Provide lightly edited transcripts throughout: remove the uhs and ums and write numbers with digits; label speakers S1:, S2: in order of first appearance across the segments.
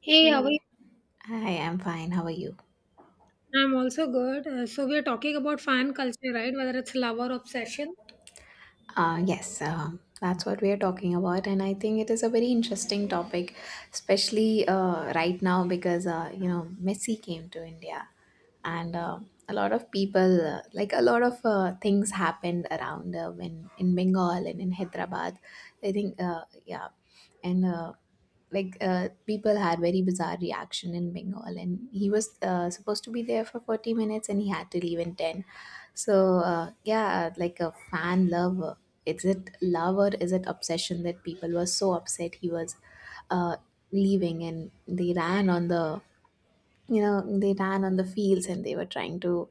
S1: Hey, how are you?
S2: Hey, hi, I'm fine. How are you?
S1: I'm also good. So we are talking about fan culture, right? Whether it's love or obsession.
S2: Yes, that's what we are talking about, and I think it is a very interesting topic, especially right now because you know Messi came to India, and a lot of people, like a lot of things happened around when in Bengal and in Hyderabad. I think, yeah, and like people had very bizarre reaction in Bengal, and he was supposed to be there for 40 minutes and he had to leave in 10. So yeah, like a fan love, is it love or is it obsession that people were so upset he was uh, leaving, and they ran on the, they ran on the fields, and they were trying to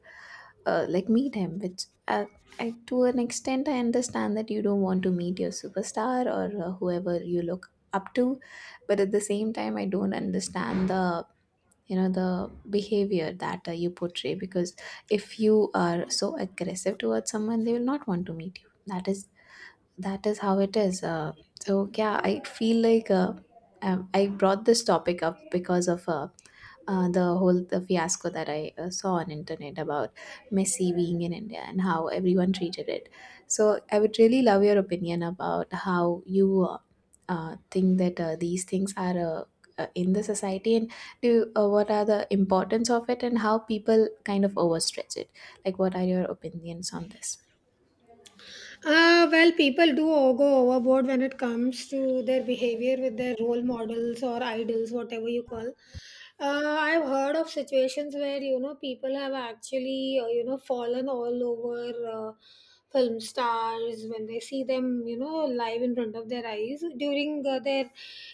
S2: like meet him, which to an extent I understand that you don't want to meet your superstar or whoever you look up to, but at the same time I don't understand the, the behavior that you portray, because if you are so aggressive towards someone, they will not want to meet you. That is that is how it is. So yeah, I feel like I brought this topic up because of the fiasco that I saw on internet about Messy being in India and how everyone treated it. So I would really love your opinion about how you think that these things are in the society, and do what are the importance of it, and how people kind of overstretch it. Like, what are your opinions on this?
S1: Well, people do go overboard when it comes to their behavior with their role models or idols, whatever you call. I've heard of situations where people have actually fallen all over film stars when they see them live in front of their eyes during their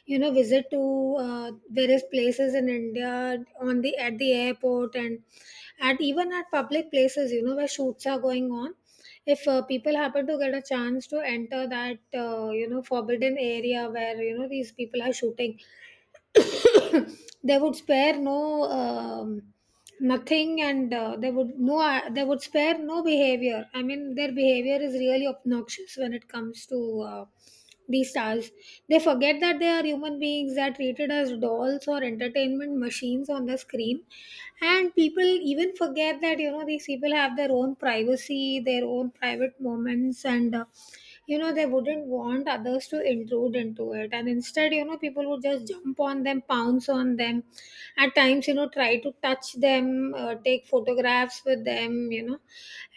S1: visit to various places in India, on the at the airport, and at even at public places where shoots are going on. If people happen to get a chance to enter that forbidden area where these people are shooting, they would spare no nothing, and they would spare no behavior. I mean, their behavior is really obnoxious when it comes to these stars. They forget that they are human beings that are treated as dolls or entertainment machines on the screen, and people even forget that these people have their own privacy, their own private moments, and they wouldn't want others to intrude into it. And instead, people would just jump on them, pounce on them at times, try to touch them, take photographs with them,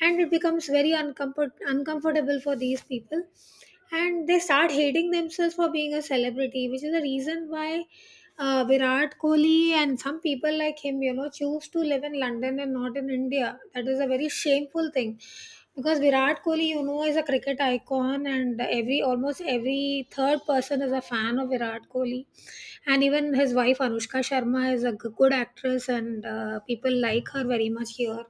S1: and it becomes very uncomfortable for these people, and they start hating themselves for being a celebrity, which is the reason why Virat Kohli and some people like him, choose to live in London and not in India. That is a very shameful thing because Virat Kohli, is a cricket icon, and every almost every third person is a fan of Virat Kohli, and even his wife Anushka Sharma is a good actress, and people like her very much here.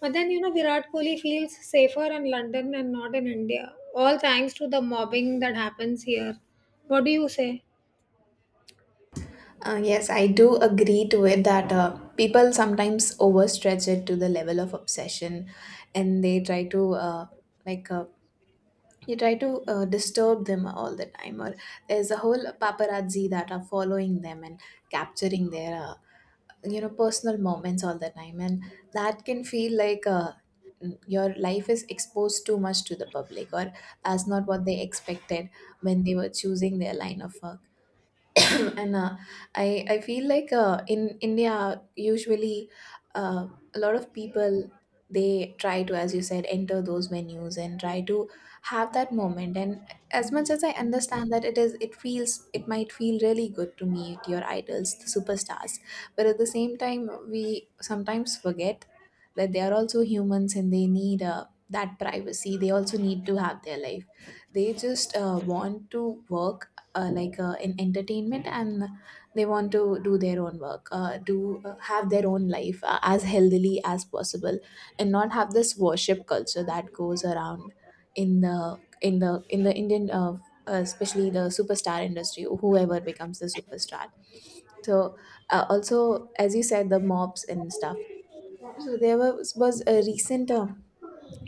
S1: But then, Virat Kohli feels safer in London and not in India. All thanks to the mobbing that happens here. What do you say?
S2: Yes, I do agree to it that people sometimes overstretch it to the level of obsession, and they try to, like, you try to disturb them all the time, or there's a whole paparazzi that are following them and capturing their personal moments all the time, and that can feel like your life is exposed too much to the public, or that's not what they expected when they were choosing their line of work. And I feel like in India usually, uh, a lot of people, they try to, as you said, enter those venues and try to have that moment, and as much as I understand that it feels, it might feel really good to meet your idols, the superstars, but at the same time we sometimes forget that they are also humans, and they need that privacy. They also need to have their life. They just want to work, in entertainment, and they want to do their own work, do have their own life as healthily as possible, and not have this worship culture that goes around in the Indian, especially the superstar industry, whoever becomes the superstar. So, also, as you said, the mobs and stuff. So there was a recent,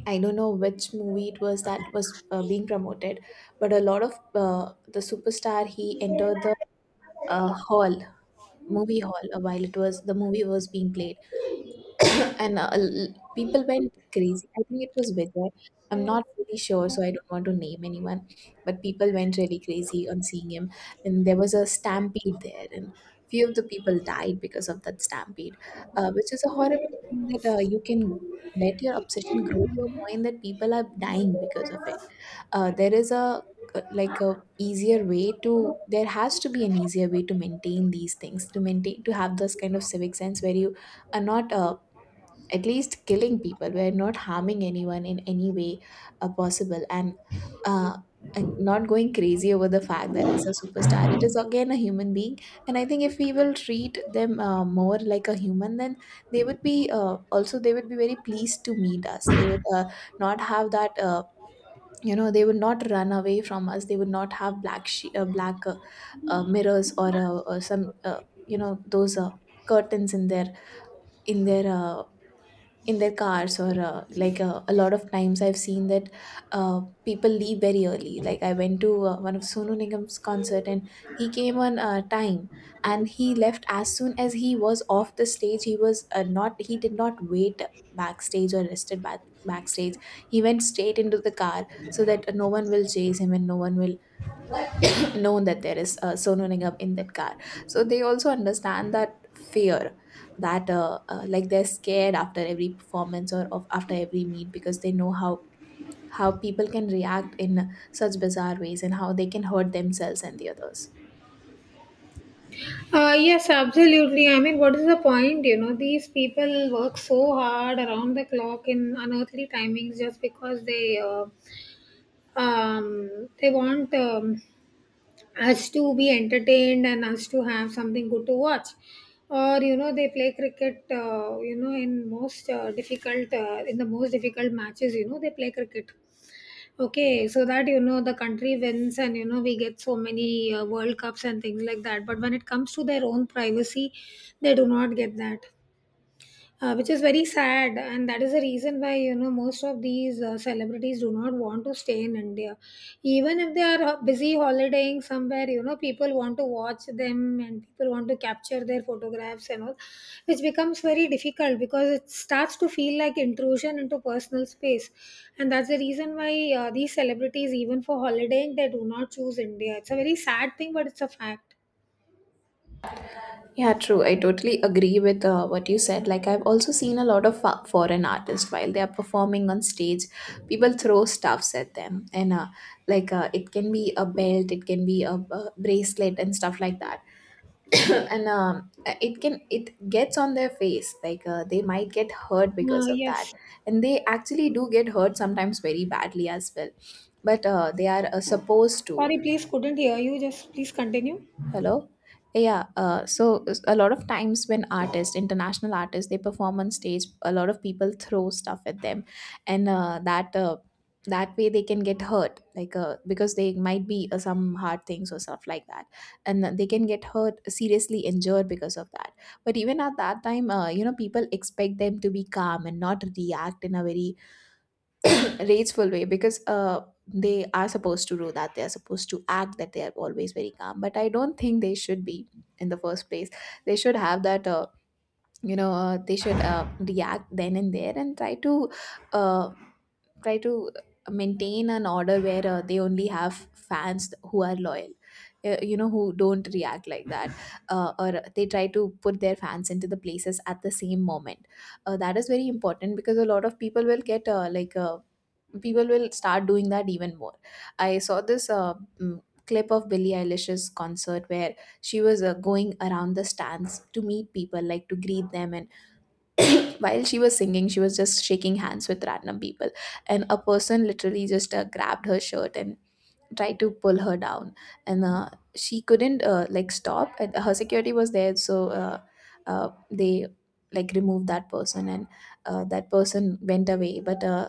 S2: I don't know which movie it was that was being promoted, but a lot of, the superstar, he entered the hall, movie hall, while it was the movie was being played. And people went crazy. I think it was Vijay. I'm not really sure, so I don't want to name anyone. But people went really crazy on seeing him, and there was a stampede there, and few of the people died because of that stampede, which is a horrible thing, that you can let your obsession grow to a point that people are dying because of it. There is a, like, a easier way to, there has to be an easier way to maintain these things, to maintain to have this kind of civic sense where you are not, at least killing people, we're not harming anyone in any way possible, uh, and not going crazy over the fact that it's a superstar, it is again a human being. And I think if we will treat them more like a human, then they would be, also they would be very pleased to meet us. They would not have that, they would not run away from us. They would not have black black, mirrors, or, or some, those curtains in their, in their uh, in their cars, or a lot of times I've seen that people leave very early, like I went to one of Sonu Nigam's concert, and he came on time, and he left as soon as he was off the stage. He was not he did not wait backstage or rested backstage. He went straight into the car, so that no one will chase him and no one will known that there is Sonu Nigam in that car. So they also understand that fear, that they're scared after every performance or of after every meet, because they know how people can react in such bizarre ways, and how they can hurt themselves and the others.
S1: Yes, absolutely. I mean, what is the point? These people work so hard around the clock in unearthly timings just because they want us to be entertained and us to have something good to watch. Or, they play cricket. In most difficult in the most difficult matches, they play cricket. Okay, so that the country wins and we get so many World Cups and things like that. But when it comes to their own privacy, they do not get that, which is very sad, and that is the reason why most of these celebrities do not want to stay in India. Even if they are busy holidaying somewhere, people want to watch them and people want to capture their photographs and all, which becomes very difficult because it starts to feel like intrusion into personal space. And that's the reason why these celebrities, even for holidaying, they do not choose India. It's a very sad thing, but it's a fact.
S2: Yeah, true. I totally agree with what you said. Like, I've also seen a lot of foreign artists while they are performing on stage, people throw stuffs at them, and it can be a belt, it can be a bracelet, and stuff like that. And it gets on their face, like they might get hurt because of that,
S1: Yes.
S2: and they actually do get hurt sometimes very badly as well, but they are supposed to.
S1: Sorry, please, couldn't hear you. Just, please continue.
S2: Hello. Yeah, so a lot of times when artists, international artists, they perform on stage, a lot of people throw stuff at them, and that way they can get hurt, like because they might be some hard things or stuff like that, and they can get hurt, seriously injured because of that. But even at that time, people expect them to be calm and not react in a very rageful way, because they are supposed to do that. They are supposed to act that they are always very calm, but I don't think they should be, in the first place. They should have that, they should react then and there, and try to, uh, try to maintain an order where they only have fans who are loyal, who don't react like that, or they try to put their fans into the places at the same moment. That is very important, because a lot of people will get, people will start doing that even more. I saw this clip of Billie Eilish's concert where she was going around the stands to meet people, like, to greet them. And while she was singing, she was just shaking hands with random people. And a person literally just grabbed her shirt and try to pull her down, and she couldn't, like, stop, and her security was there, so they like removed that person, and that person went away, but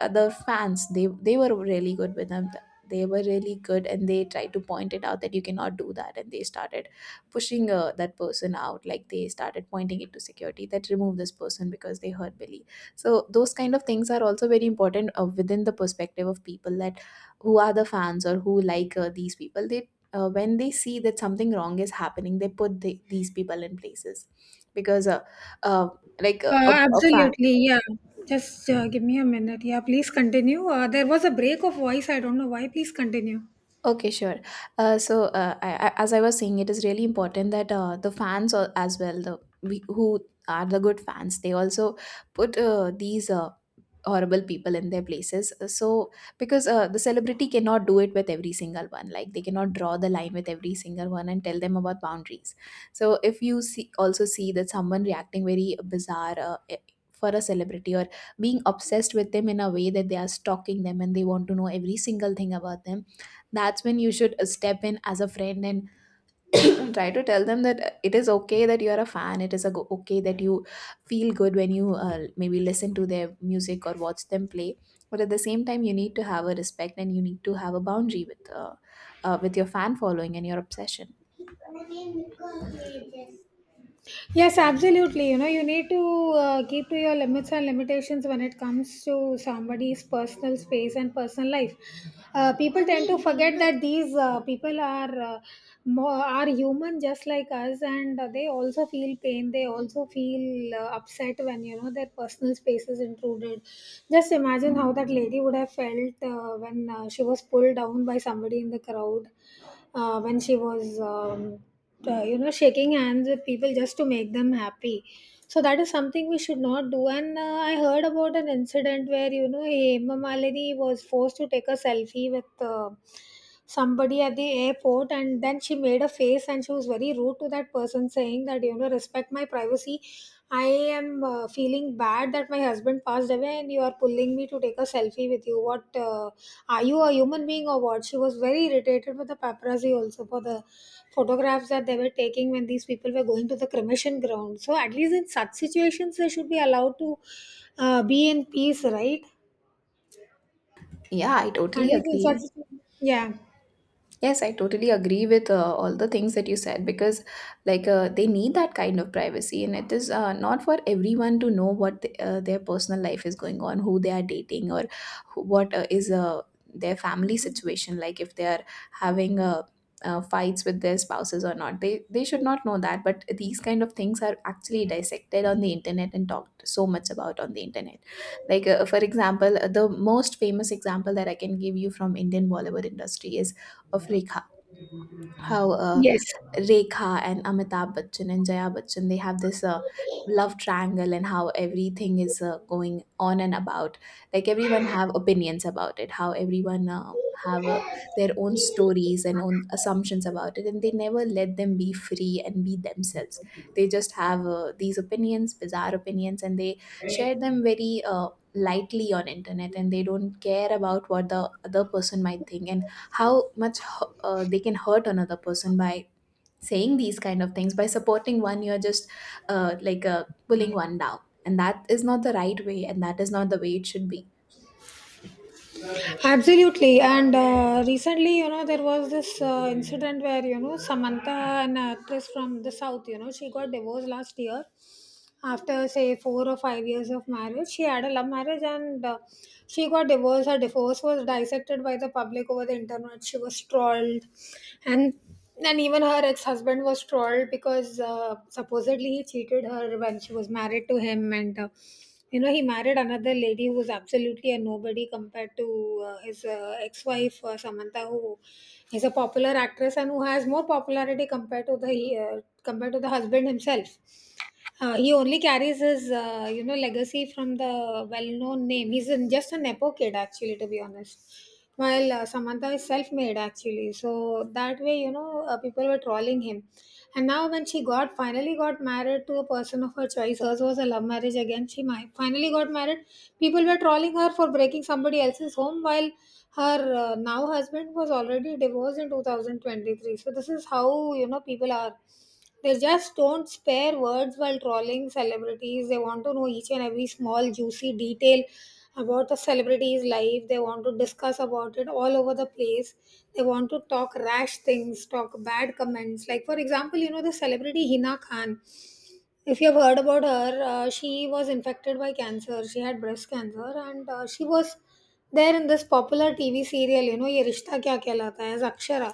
S2: other fans, they were really good with them. They were really good, and they tried to point it out that you cannot do that, and they started pushing that person out, like they started pointing it to security that remove this person because they hurt Billy. So those kind of things are also very important, within the perspective of people, that who are the fans or who like these people, they when they see that something wrong is happening, they put these people in places, because uh, a, a, a fan.
S1: Absolutely, yeah. Just give me a minute. Yeah, please continue. There was a break of voice. I don't know why. Please continue.
S2: Okay, sure. So, as I was saying, it is really important that the fans as well, the we, who are the good fans, they also put these horrible people in their places. So, because the celebrity cannot do it with every single one, like they cannot draw the line with every single one and tell them about boundaries. So, if you see that someone reacting very bizarre. For a celebrity or being obsessed with them in a way that they are stalking them and they want to know every single thing about them, that's when you should step in as a friend and try to tell them that it is okay that you are a fan, it is a okay that you feel good when you maybe listen to their music or watch them play, but at the same time you need to have a respect and you need to have a boundary with your fan following and your obsession.
S1: Yes, absolutely. You need to keep to your limits and limitations when it comes to somebody's personal space and personal life. People tend to forget that these people are human just like us, and they also feel pain. They also feel upset when their personal space is intruded. Just imagine how that lady would have felt when she was pulled down by somebody in the crowd, when she was shaking hands with people just to make them happy. So that is something we should not do, and I heard about an incident where Hema Malini was forced to take a selfie with somebody at the airport, and then she made a face and she was very rude to that person, saying that, respect my privacy. I am feeling bad that my husband passed away, and you are pulling me to take a selfie with you. What, are you a human being or what? She was very irritated with the paparazzi also for the photographs that they were taking when these people were going to the cremation ground. So, at least in such situations, they should be allowed to be in peace, right?
S2: Yeah, I
S1: At
S2: totally
S1: least in such
S2: agree.
S1: situations. Yeah.
S2: Yes, I totally agree with all the things that you said because, like, they need that kind of privacy, and it is not for everyone to know what the, their personal life is going on, who they are dating, or who, what is their family situation like. If they are having fights with their spouses or not, they should not know that. But these kind of things are actually dissected on the internet and talked so much about on the internet. Like, for example, the most famous example that I can give you from Indian Bollywood industry is of Rekha. How
S1: Yes.
S2: Rekha and Amitabh Bachchan and Jaya Bachchan, they have this love triangle and how everything is going on and about. Like everyone have opinions about it. How everyone have their own stories and own assumptions about it, and they never let them be free and be themselves. They just have these opinions, bizarre opinions, and they share them very lightly on internet, and they don't care about what the other person might think and how much they can hurt another person by saying these kind of things. By supporting one, you're just pulling one down, and that is not the right way, and that is not the way it should be.
S1: Absolutely. And recently, there was this incident where, Samantha, an actress from the South, she got divorced last year, after say 4 or 5 years of marriage. She had a love marriage, and she got divorced. Her divorce was dissected by the public over the internet. She was trolled, and and even her ex-husband was trolled because supposedly he cheated her when she was married to him, and he married another lady who was absolutely a nobody compared to his ex-wife, Samantha, who is a popular actress and who has more popularity compared to the, compared to the husband himself. He only carries his, legacy from the well-known name. He's just a nepo kid, actually, to be honest. While Samantha is self-made, actually, so that way, people were trolling him. And now, when she got finally got married to a person of her choice, hers was a love marriage again. She finally got married. People were trolling her for breaking somebody else's home, while her, now husband was already divorced in 2023. So this is how people are. They just don't spare words while trolling celebrities. They want to know each and every small juicy detail about the celebrity's life. They want to discuss about it all over the place. They want to talk rash things, talk bad comments. Like, for example, you know the celebrity Hina Khan. If you have heard about her, she was infected by cancer. She had breast cancer, and she was there in this popular TV serial. You know, ये रिश्ता क्या कहलाता है as Akshara.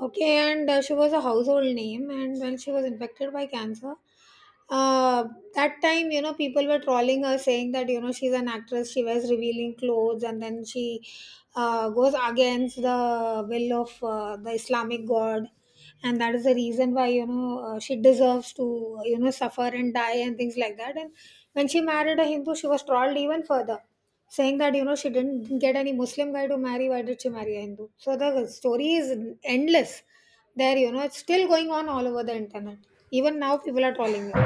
S1: Okay, and she was a household name, and when she was infected by cancer, uh, that time, people were trolling her, saying that, she's an actress, she wears revealing clothes, and then she goes against the will of the Islamic God. And that is the reason why, she deserves to, suffer and die and things like that. And when she married a Hindu, she was trolled even further, saying that, she didn't get any Muslim guy to marry. Why did she marry a Hindu? So the story is endless there, it's still going on all over the internet. Even now, people are trolling her.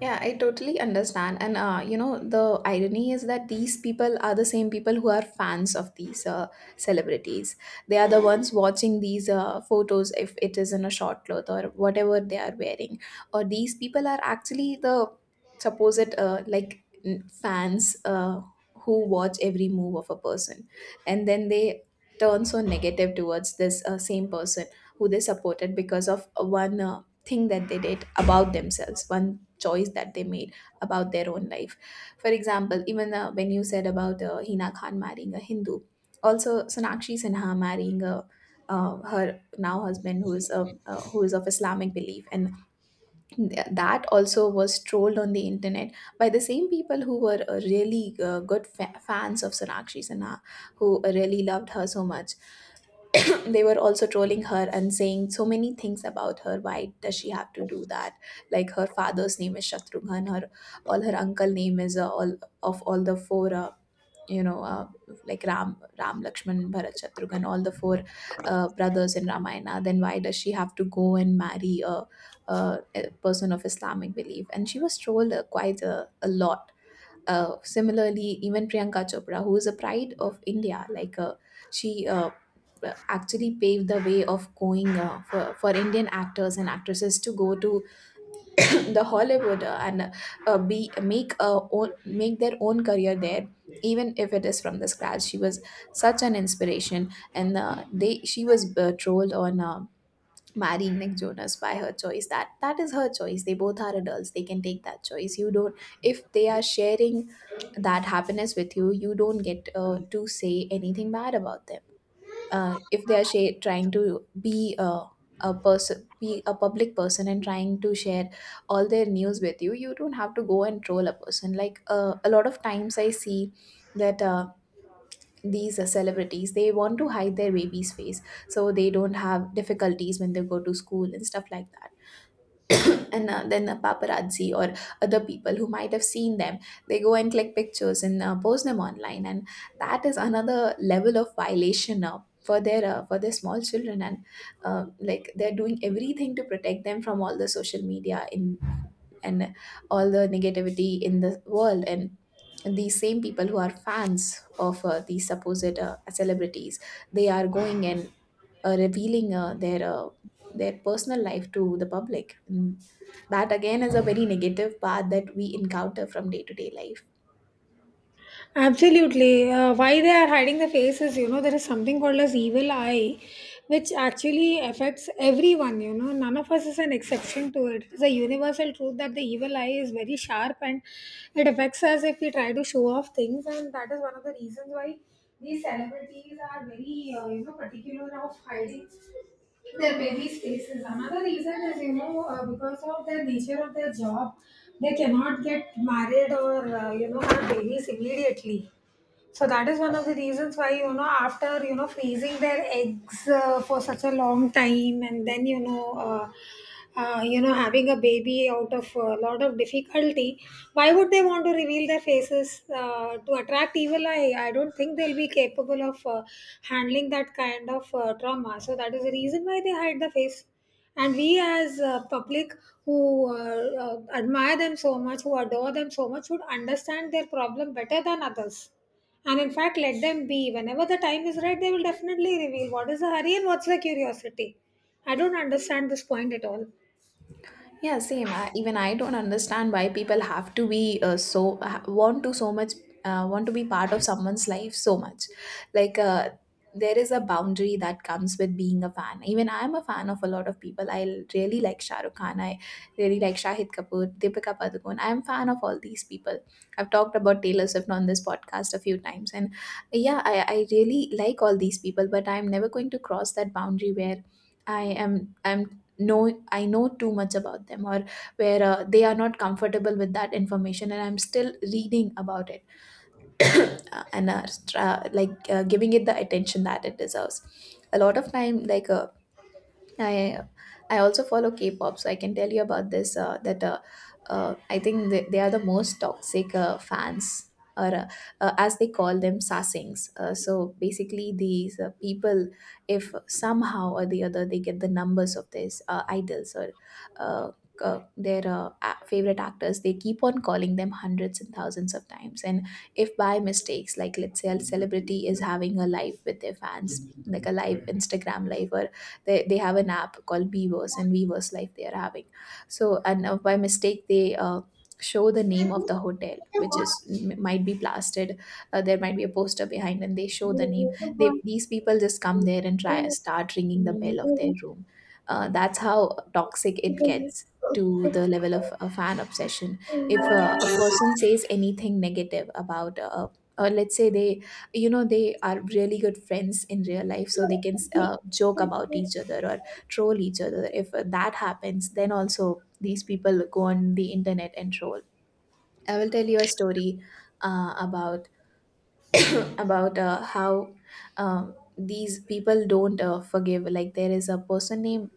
S2: Yeah, I totally understand. And, you know, the irony is that these people are the same people who are fans of these celebrities. They are the ones watching these photos, if it is in a short cloth or whatever they are wearing. Or these people are actually the supposed, fans who watch every move of a person. And then they turn so negative towards this same person who they supported because of one thing that they did about themselves, one choice that they made about their own life. For example, even when you said about Hina Khan marrying a Hindu, also Sonakshi Sinha marrying a her now husband who is who is of Islamic belief, and that also was trolled on the internet by the same people who were really good fans of Sonakshi Sinha, who really loved her so much. They were also trolling her and saying so many things about her. Why does she have to do that? Like, her father's name is Shatrughan, her all her uncle name is, all of all the four, you know uh, Ram, Ram, Lakshman, Bharat, Shatrughan, all the four brothers in Ramayana, then why does she have to go and marry a, a person of Islamic belief? And she was trolled quite a lot. Similarly, even Priyanka Chopra, who is a pride of India, like she actually paved the way of going for Indian actors and actresses to go to the Hollywood, and be make a own, make their own career there. Even if it is from the scratch, she was such an inspiration, and they she was trolled on marrying Nick Jonas by her choice. That that is her choice. They both are adults. They can take that choice. You don't. If they are sharing that happiness with you, you don't get to say anything bad about them. If they are trying to be a person, be a public person, and trying to share all their news with you, you don't have to go and troll a person. Like, a lot of times, I see that. These celebrities, they want to hide their baby's face so they don't have difficulties when they go to school and stuff like that. And then the paparazzi or other people who might have seen them, they go and click pictures and post them online, and that is another level of violation for their for their small children. And like, they're doing everything to protect them from all the social media in and all the negativity in the world, and these same people who are fans of these supposed celebrities, they are going and revealing their personal life to the public, and that again is a very negative part that we encounter from day to day life.
S1: Absolutely. Why they are hiding the faces, there is something called as evil eye, which actually affects everyone. None of us is an exception to it. It's a universal truth that the evil eye is very sharp, and it affects us if we try to show off things. And that is one of the reasons why these celebrities are very, particular of hiding their busy spaces. Another reason is, because of the nature of their job, they cannot get married or, have babies immediately. So that is one of the reasons why, after, freezing their eggs for such a long time, and then, having a baby out of a lot of difficulty, why would they want to reveal their faces to attract evil eye? I don't think they'll be capable of handling that kind of trauma. So that is the reason why they hide the face. And we, as public, who admire them so much, who adore them so much, should understand their problem better than others, and in fact let them be. Whenever the time is right, they will definitely reveal. What is the hurry, and what's the curiosity? I don't understand this point at all.
S2: Yeah, same. I, even I don't understand why people have to be so want to so much want to be part of someone's life so much. Like there is a boundary that comes with being a fan. Even I am a fan of a lot of people. I really like Shah Rukh Khan. I really like Shahid Kapoor, Deepika Padukone. I am fan of all these people. I've talked about Taylor Swift on this podcast a few times, and yeah, I really like all these people. But I'm never going to cross that boundary where I am I'm know I know too much about them, or where they are not comfortable with that information and I'm still reading about it, and giving it the attention that it deserves. A lot of time, like, I I also follow K-pop, so I can tell you about this. That I think they are the most toxic fans, or as they call them, sasings. So basically, these people, if somehow or the other they get the numbers of these idols or uh, favorite actors, they keep on calling them hundreds and thousands of times. And if by mistakes, like, let's say a celebrity is having a live with their fans, like a live Instagram live, or they have an app called Beavers, and Beavers Life they are having. So, and by mistake, they show the name of the hotel, which is might be plastered. There might be a poster behind, and they show the name. They These people just come there and try start ringing the bell of their room. That's how toxic it gets, to the level of a fan obsession. If a person says anything negative about, or let's say they, you know, they are really good friends in real life, so they can joke about each other or troll each other, if that happens then also these people go on the internet and troll. I will tell you a story about about how these people don't forgive. Like, there is a person named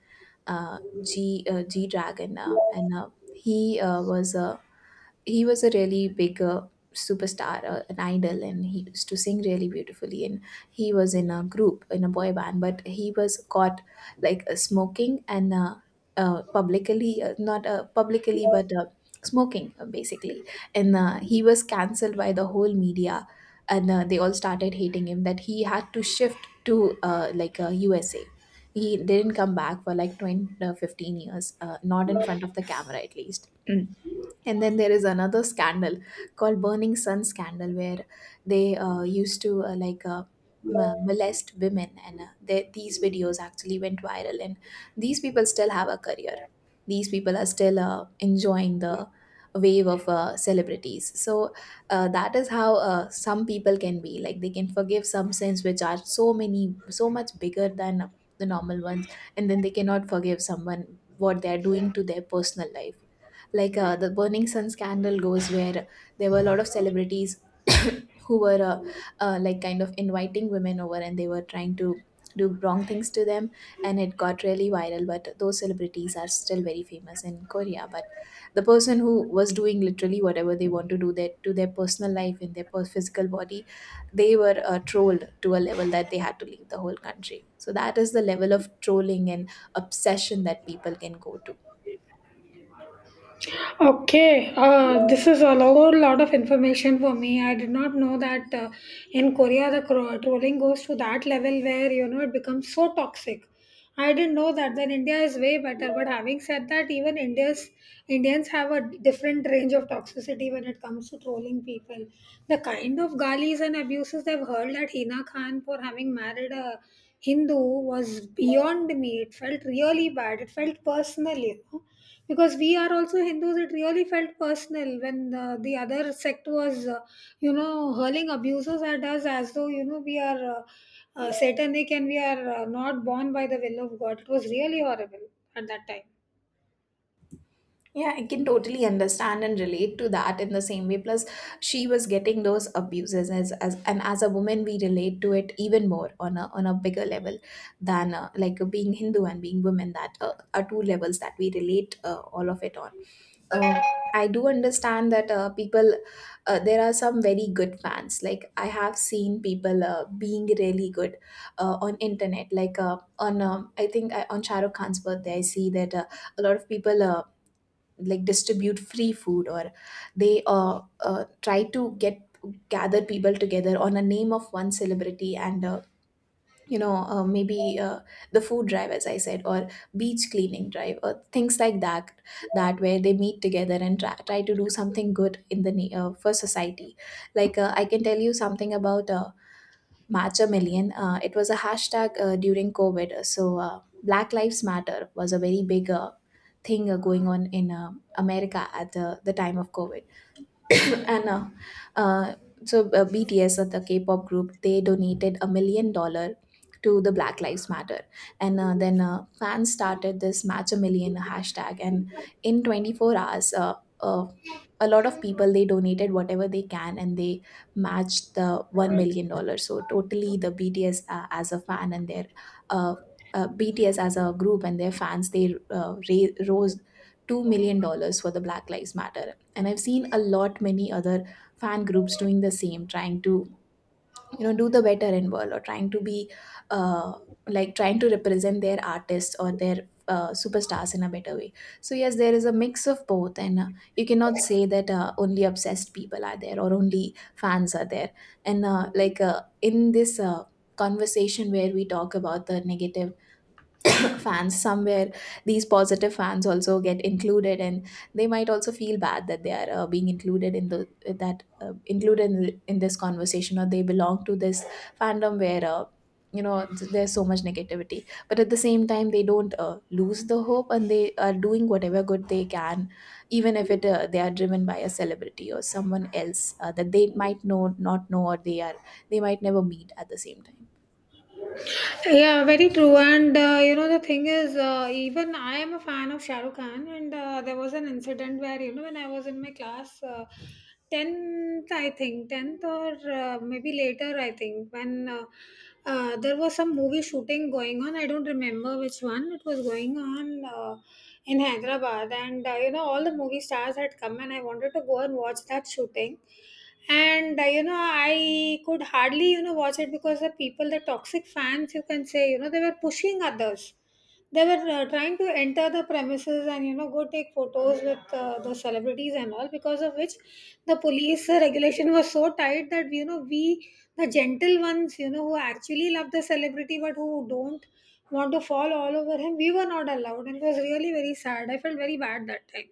S2: G Dragon, and he was a he was a really big superstar, an idol, and he used to sing really beautifully. And he was in a group, in a boy band, but he was caught like smoking and not publicly, but smoking basically. And he was cancelled by the whole media, and they all started hating him, that he had to shift to USA. He didn't come back for like 20, 15 years, not in front of the camera at least. Mm. And then there is another scandal called burning sun scandal, where they used to molest women, and these videos actually went viral, and these people still have a career. These people are still enjoying the wave of celebrities. So that is how some people can be, like, they can forgive some sins which are so many, so much bigger than the normal ones, and then they cannot forgive someone what they are doing to their personal life. Like, the burning sun scandal goes where there were a lot of celebrities who were like, kind of inviting women over and they were trying to do wrong things to them, and it got really viral, but those celebrities are still very famous in Korea. But the person who was doing literally whatever they want to do their, to their personal life, in their physical body, they were trolled to a level that they had to leave the whole country. So that is the level of trolling and obsession that people can go to.
S1: Okay, this is a whole lot of information for me. I did not know that in Korea the trolling goes to that level where it becomes so toxic. I didn't know that. Then India is way better. But having said that, even India's Indians have a different range of toxicity when it comes to trolling people. The kind of galis and abuses they've hurled at Hina Khan for having married a Hindu was beyond me. It felt really bad. It felt personal, you know, because we are also hindus. It really felt personal when the other sect was you know, hurling abuses at us as though, you know, we are satanic, and we are not born by the will of god. It was really horrible at that time.
S2: Yeah, I can totally understand and relate to that in the same way. Plus, she was getting those abuses as and as a woman. We relate to it even more on a bigger level than like being Hindu and being women. That are two levels that we relate all of it on. Um, I do understand that people, there are some very good fans. Like I have seen people being really good on internet. Like on on Shahrukh Khan's birthday, I see that a lot of people like distribute free food, or they try to get, gather people together on a name of one celebrity, and you know maybe the food drive, as I said, or beach cleaning drive, or things like that, that where they meet together and try to do something good in the for society. Like I can tell you something about Matcha Million. It was a hashtag during COVID. So, Black Lives Matter was a very big thing going on in America at the time of COVID. And uh, BTS, the K-pop group, they donated $1 million to the Black Lives Matter, and then fans started this Match a Million hashtag, and in 24 hours, uh, a lot of people, they donated whatever they can, and they matched the $1 million. So totally, the BTS as a fan and their uh, BTS as a group and their fans, they rose $2 million for the Black Lives Matter. And I've seen a lot many other fan groups doing the same, trying to, you know, do the better in world, or trying to be uh, like trying to represent their artists or their superstars in a better way. So yes, there is a mix of both, and you cannot say that only obsessed people are there or only fans are there. And in this conversation where we talk about the negative fans, somewhere these positive fans also get included, and they might also feel bad that they are being included in the, that included in the, in this conversation, or they belong to this fandom where there's so much negativity. But at the same time, they don't lose the hope, and they are doing whatever good they can, even if it they are driven by a celebrity or someone else that they might know, not know, or they are, they might never meet at the same time.
S1: Yeah, very true. And you know, the thing is, even I am a fan of Shah Rukh Khan. And there was an incident where, you know, when I was in my class, 10th, I think, 10th, or maybe later, I think, when there was some movie shooting going on. I don't remember which one. It was going on in Hyderabad, and you know, all the movie stars had come, and I wanted to go and watch that shooting. And you know, I could hardly, you know, watch it because the people, the toxic fans, you can say, you know, they were pushing others. They were trying to enter the premises and, you know, go take photos with the celebrities and all, because of which the police regulation was so tight that, you know, we, the gentle ones, you know, who actually love the celebrity but who don't want to fall all over him, we were not allowed. And it was really very sad. I felt very bad that time.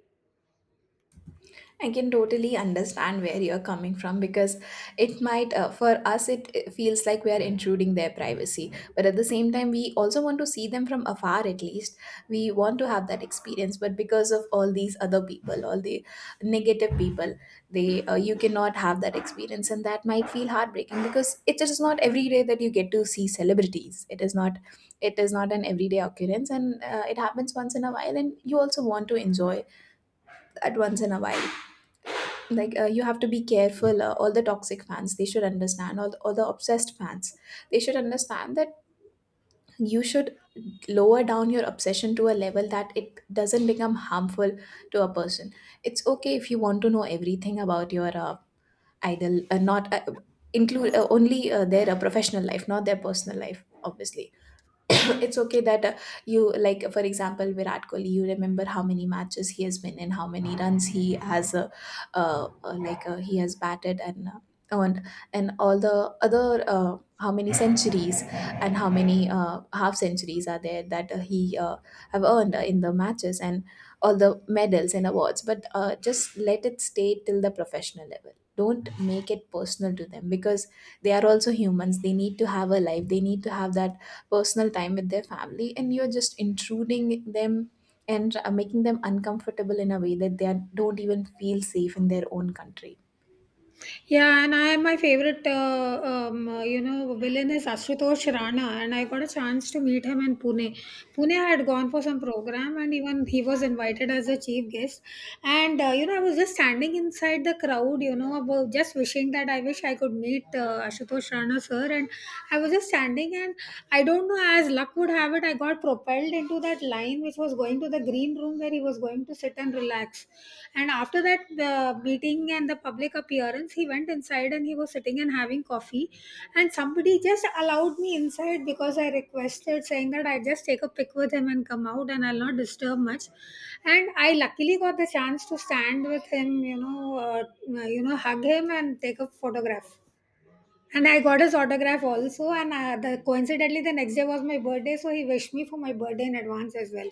S2: I can totally understand where you're coming from, because it might, for us, it feels like we are intruding their privacy. But at the same time, we also want to see them from afar, at least. We want to have that experience. But because of all these other people, all the negative people, they you cannot have that experience. And that might feel heartbreaking, because it is not every day that you get to see celebrities. It is not. It is not an everyday occurrence, and it happens once in a while, and you also want to enjoy that once in a while. Like you have to be careful. All the toxic fans, they should understand, all the obsessed fans, they should understand that you should lower down your obsession to a level that it doesn't become harmful to a person. It's okay if you want to know everything about your idol. Not Include only their professional life, not their personal life, obviously. It's okay that you like, for example, Virat Kohli, you remember how many matches he has been in, how many runs he has he has batted, and and and all the other, how many centuries and how many half centuries are there that he have earned in the matches, and all the medals and awards. But just let it stay till the professional level. Don't make it personal to them, because they are also humans. They need to have a life. They need to have that personal time with their family, and you're just intruding them and making them uncomfortable in a way that don't even feel safe in their own country.
S1: Yeah, and I, my favorite, you know, villain is Ashutosh Rana, and I got a chance to meet him in Pune. Pune had gone for some program, and even he was invited as a chief guest. And you know, I was just standing inside the crowd, you know, about just wishing that I wish I could meet Ashutosh Rana sir. And I was just standing, and I don't know, as luck would have it, I got propelled into that line which was going to the green room where he was going to sit and relax. And after that, the meeting and the public appearance, he went inside and he was sitting and having coffee. And somebody just allowed me inside because I requested, saying that I just take a pic with him and come out and I'll not disturb much. And I luckily got the chance to stand with him, uh, you know, hug him and take a photograph. And I got his autograph also. And coincidentally, the next day was my birthday, so he wished me for my birthday in advance as well.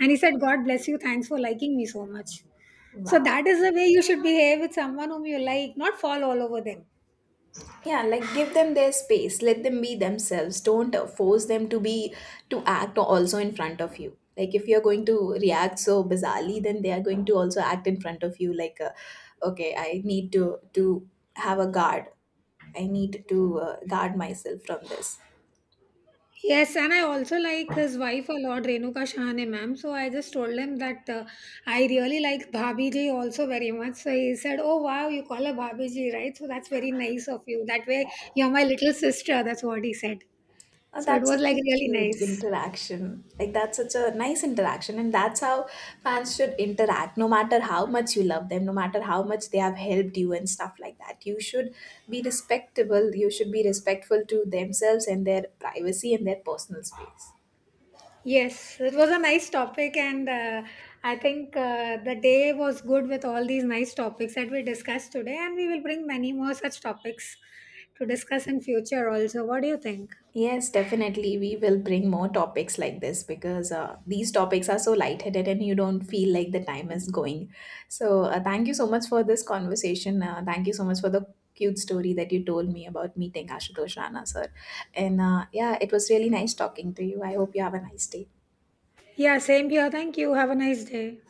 S1: And he said, "God bless you. Thanks for liking me so much." So
S2: Wow.
S1: that is the way you should behave with someone whom you like, not fall all over them.
S2: Yeah, like give them their space. Let them be themselves. Don't force them to be, to act also in front of you. Like if you're going to react so bizarrely, then they are going to also act in front of you like okay, I need to have a guard. I need to guard myself from this.
S1: Yes, and I also like his wife a lot, Renuka Shahane ma'am. So I just told him that I really like Bhabhi ji also very much. So he said, "Oh wow, you call her Bhabhi ji, right? So that's very nice of you. That way, you're my little sister." That's what he said.
S2: Oh,
S1: So it
S2: that's
S1: was
S2: such
S1: like
S2: a
S1: really
S2: cute
S1: nice.
S2: interaction. Like that's such a nice interaction, and that's how fans should interact. No matter how much you love them, no matter how much they have helped you and stuff like that, you should be respectable. You should be respectful to themselves and their privacy and their personal space.
S1: Yes, so it was a nice topic. And I think the day was good with all these nice topics that we discussed today, and we will bring many more such topics to discuss in future also. What do you think?
S2: Yes, definitely. We will bring more topics like this, because these topics are so lightheaded and you don't feel like the time is going. So, thank you so much for this conversation. Thank you so much for the cute story that you told me about meeting Ashutosh Rana, sir. And yeah, it was really nice talking to you. I hope you have a nice day.
S1: Yeah, same here. Thank you. Have a nice day.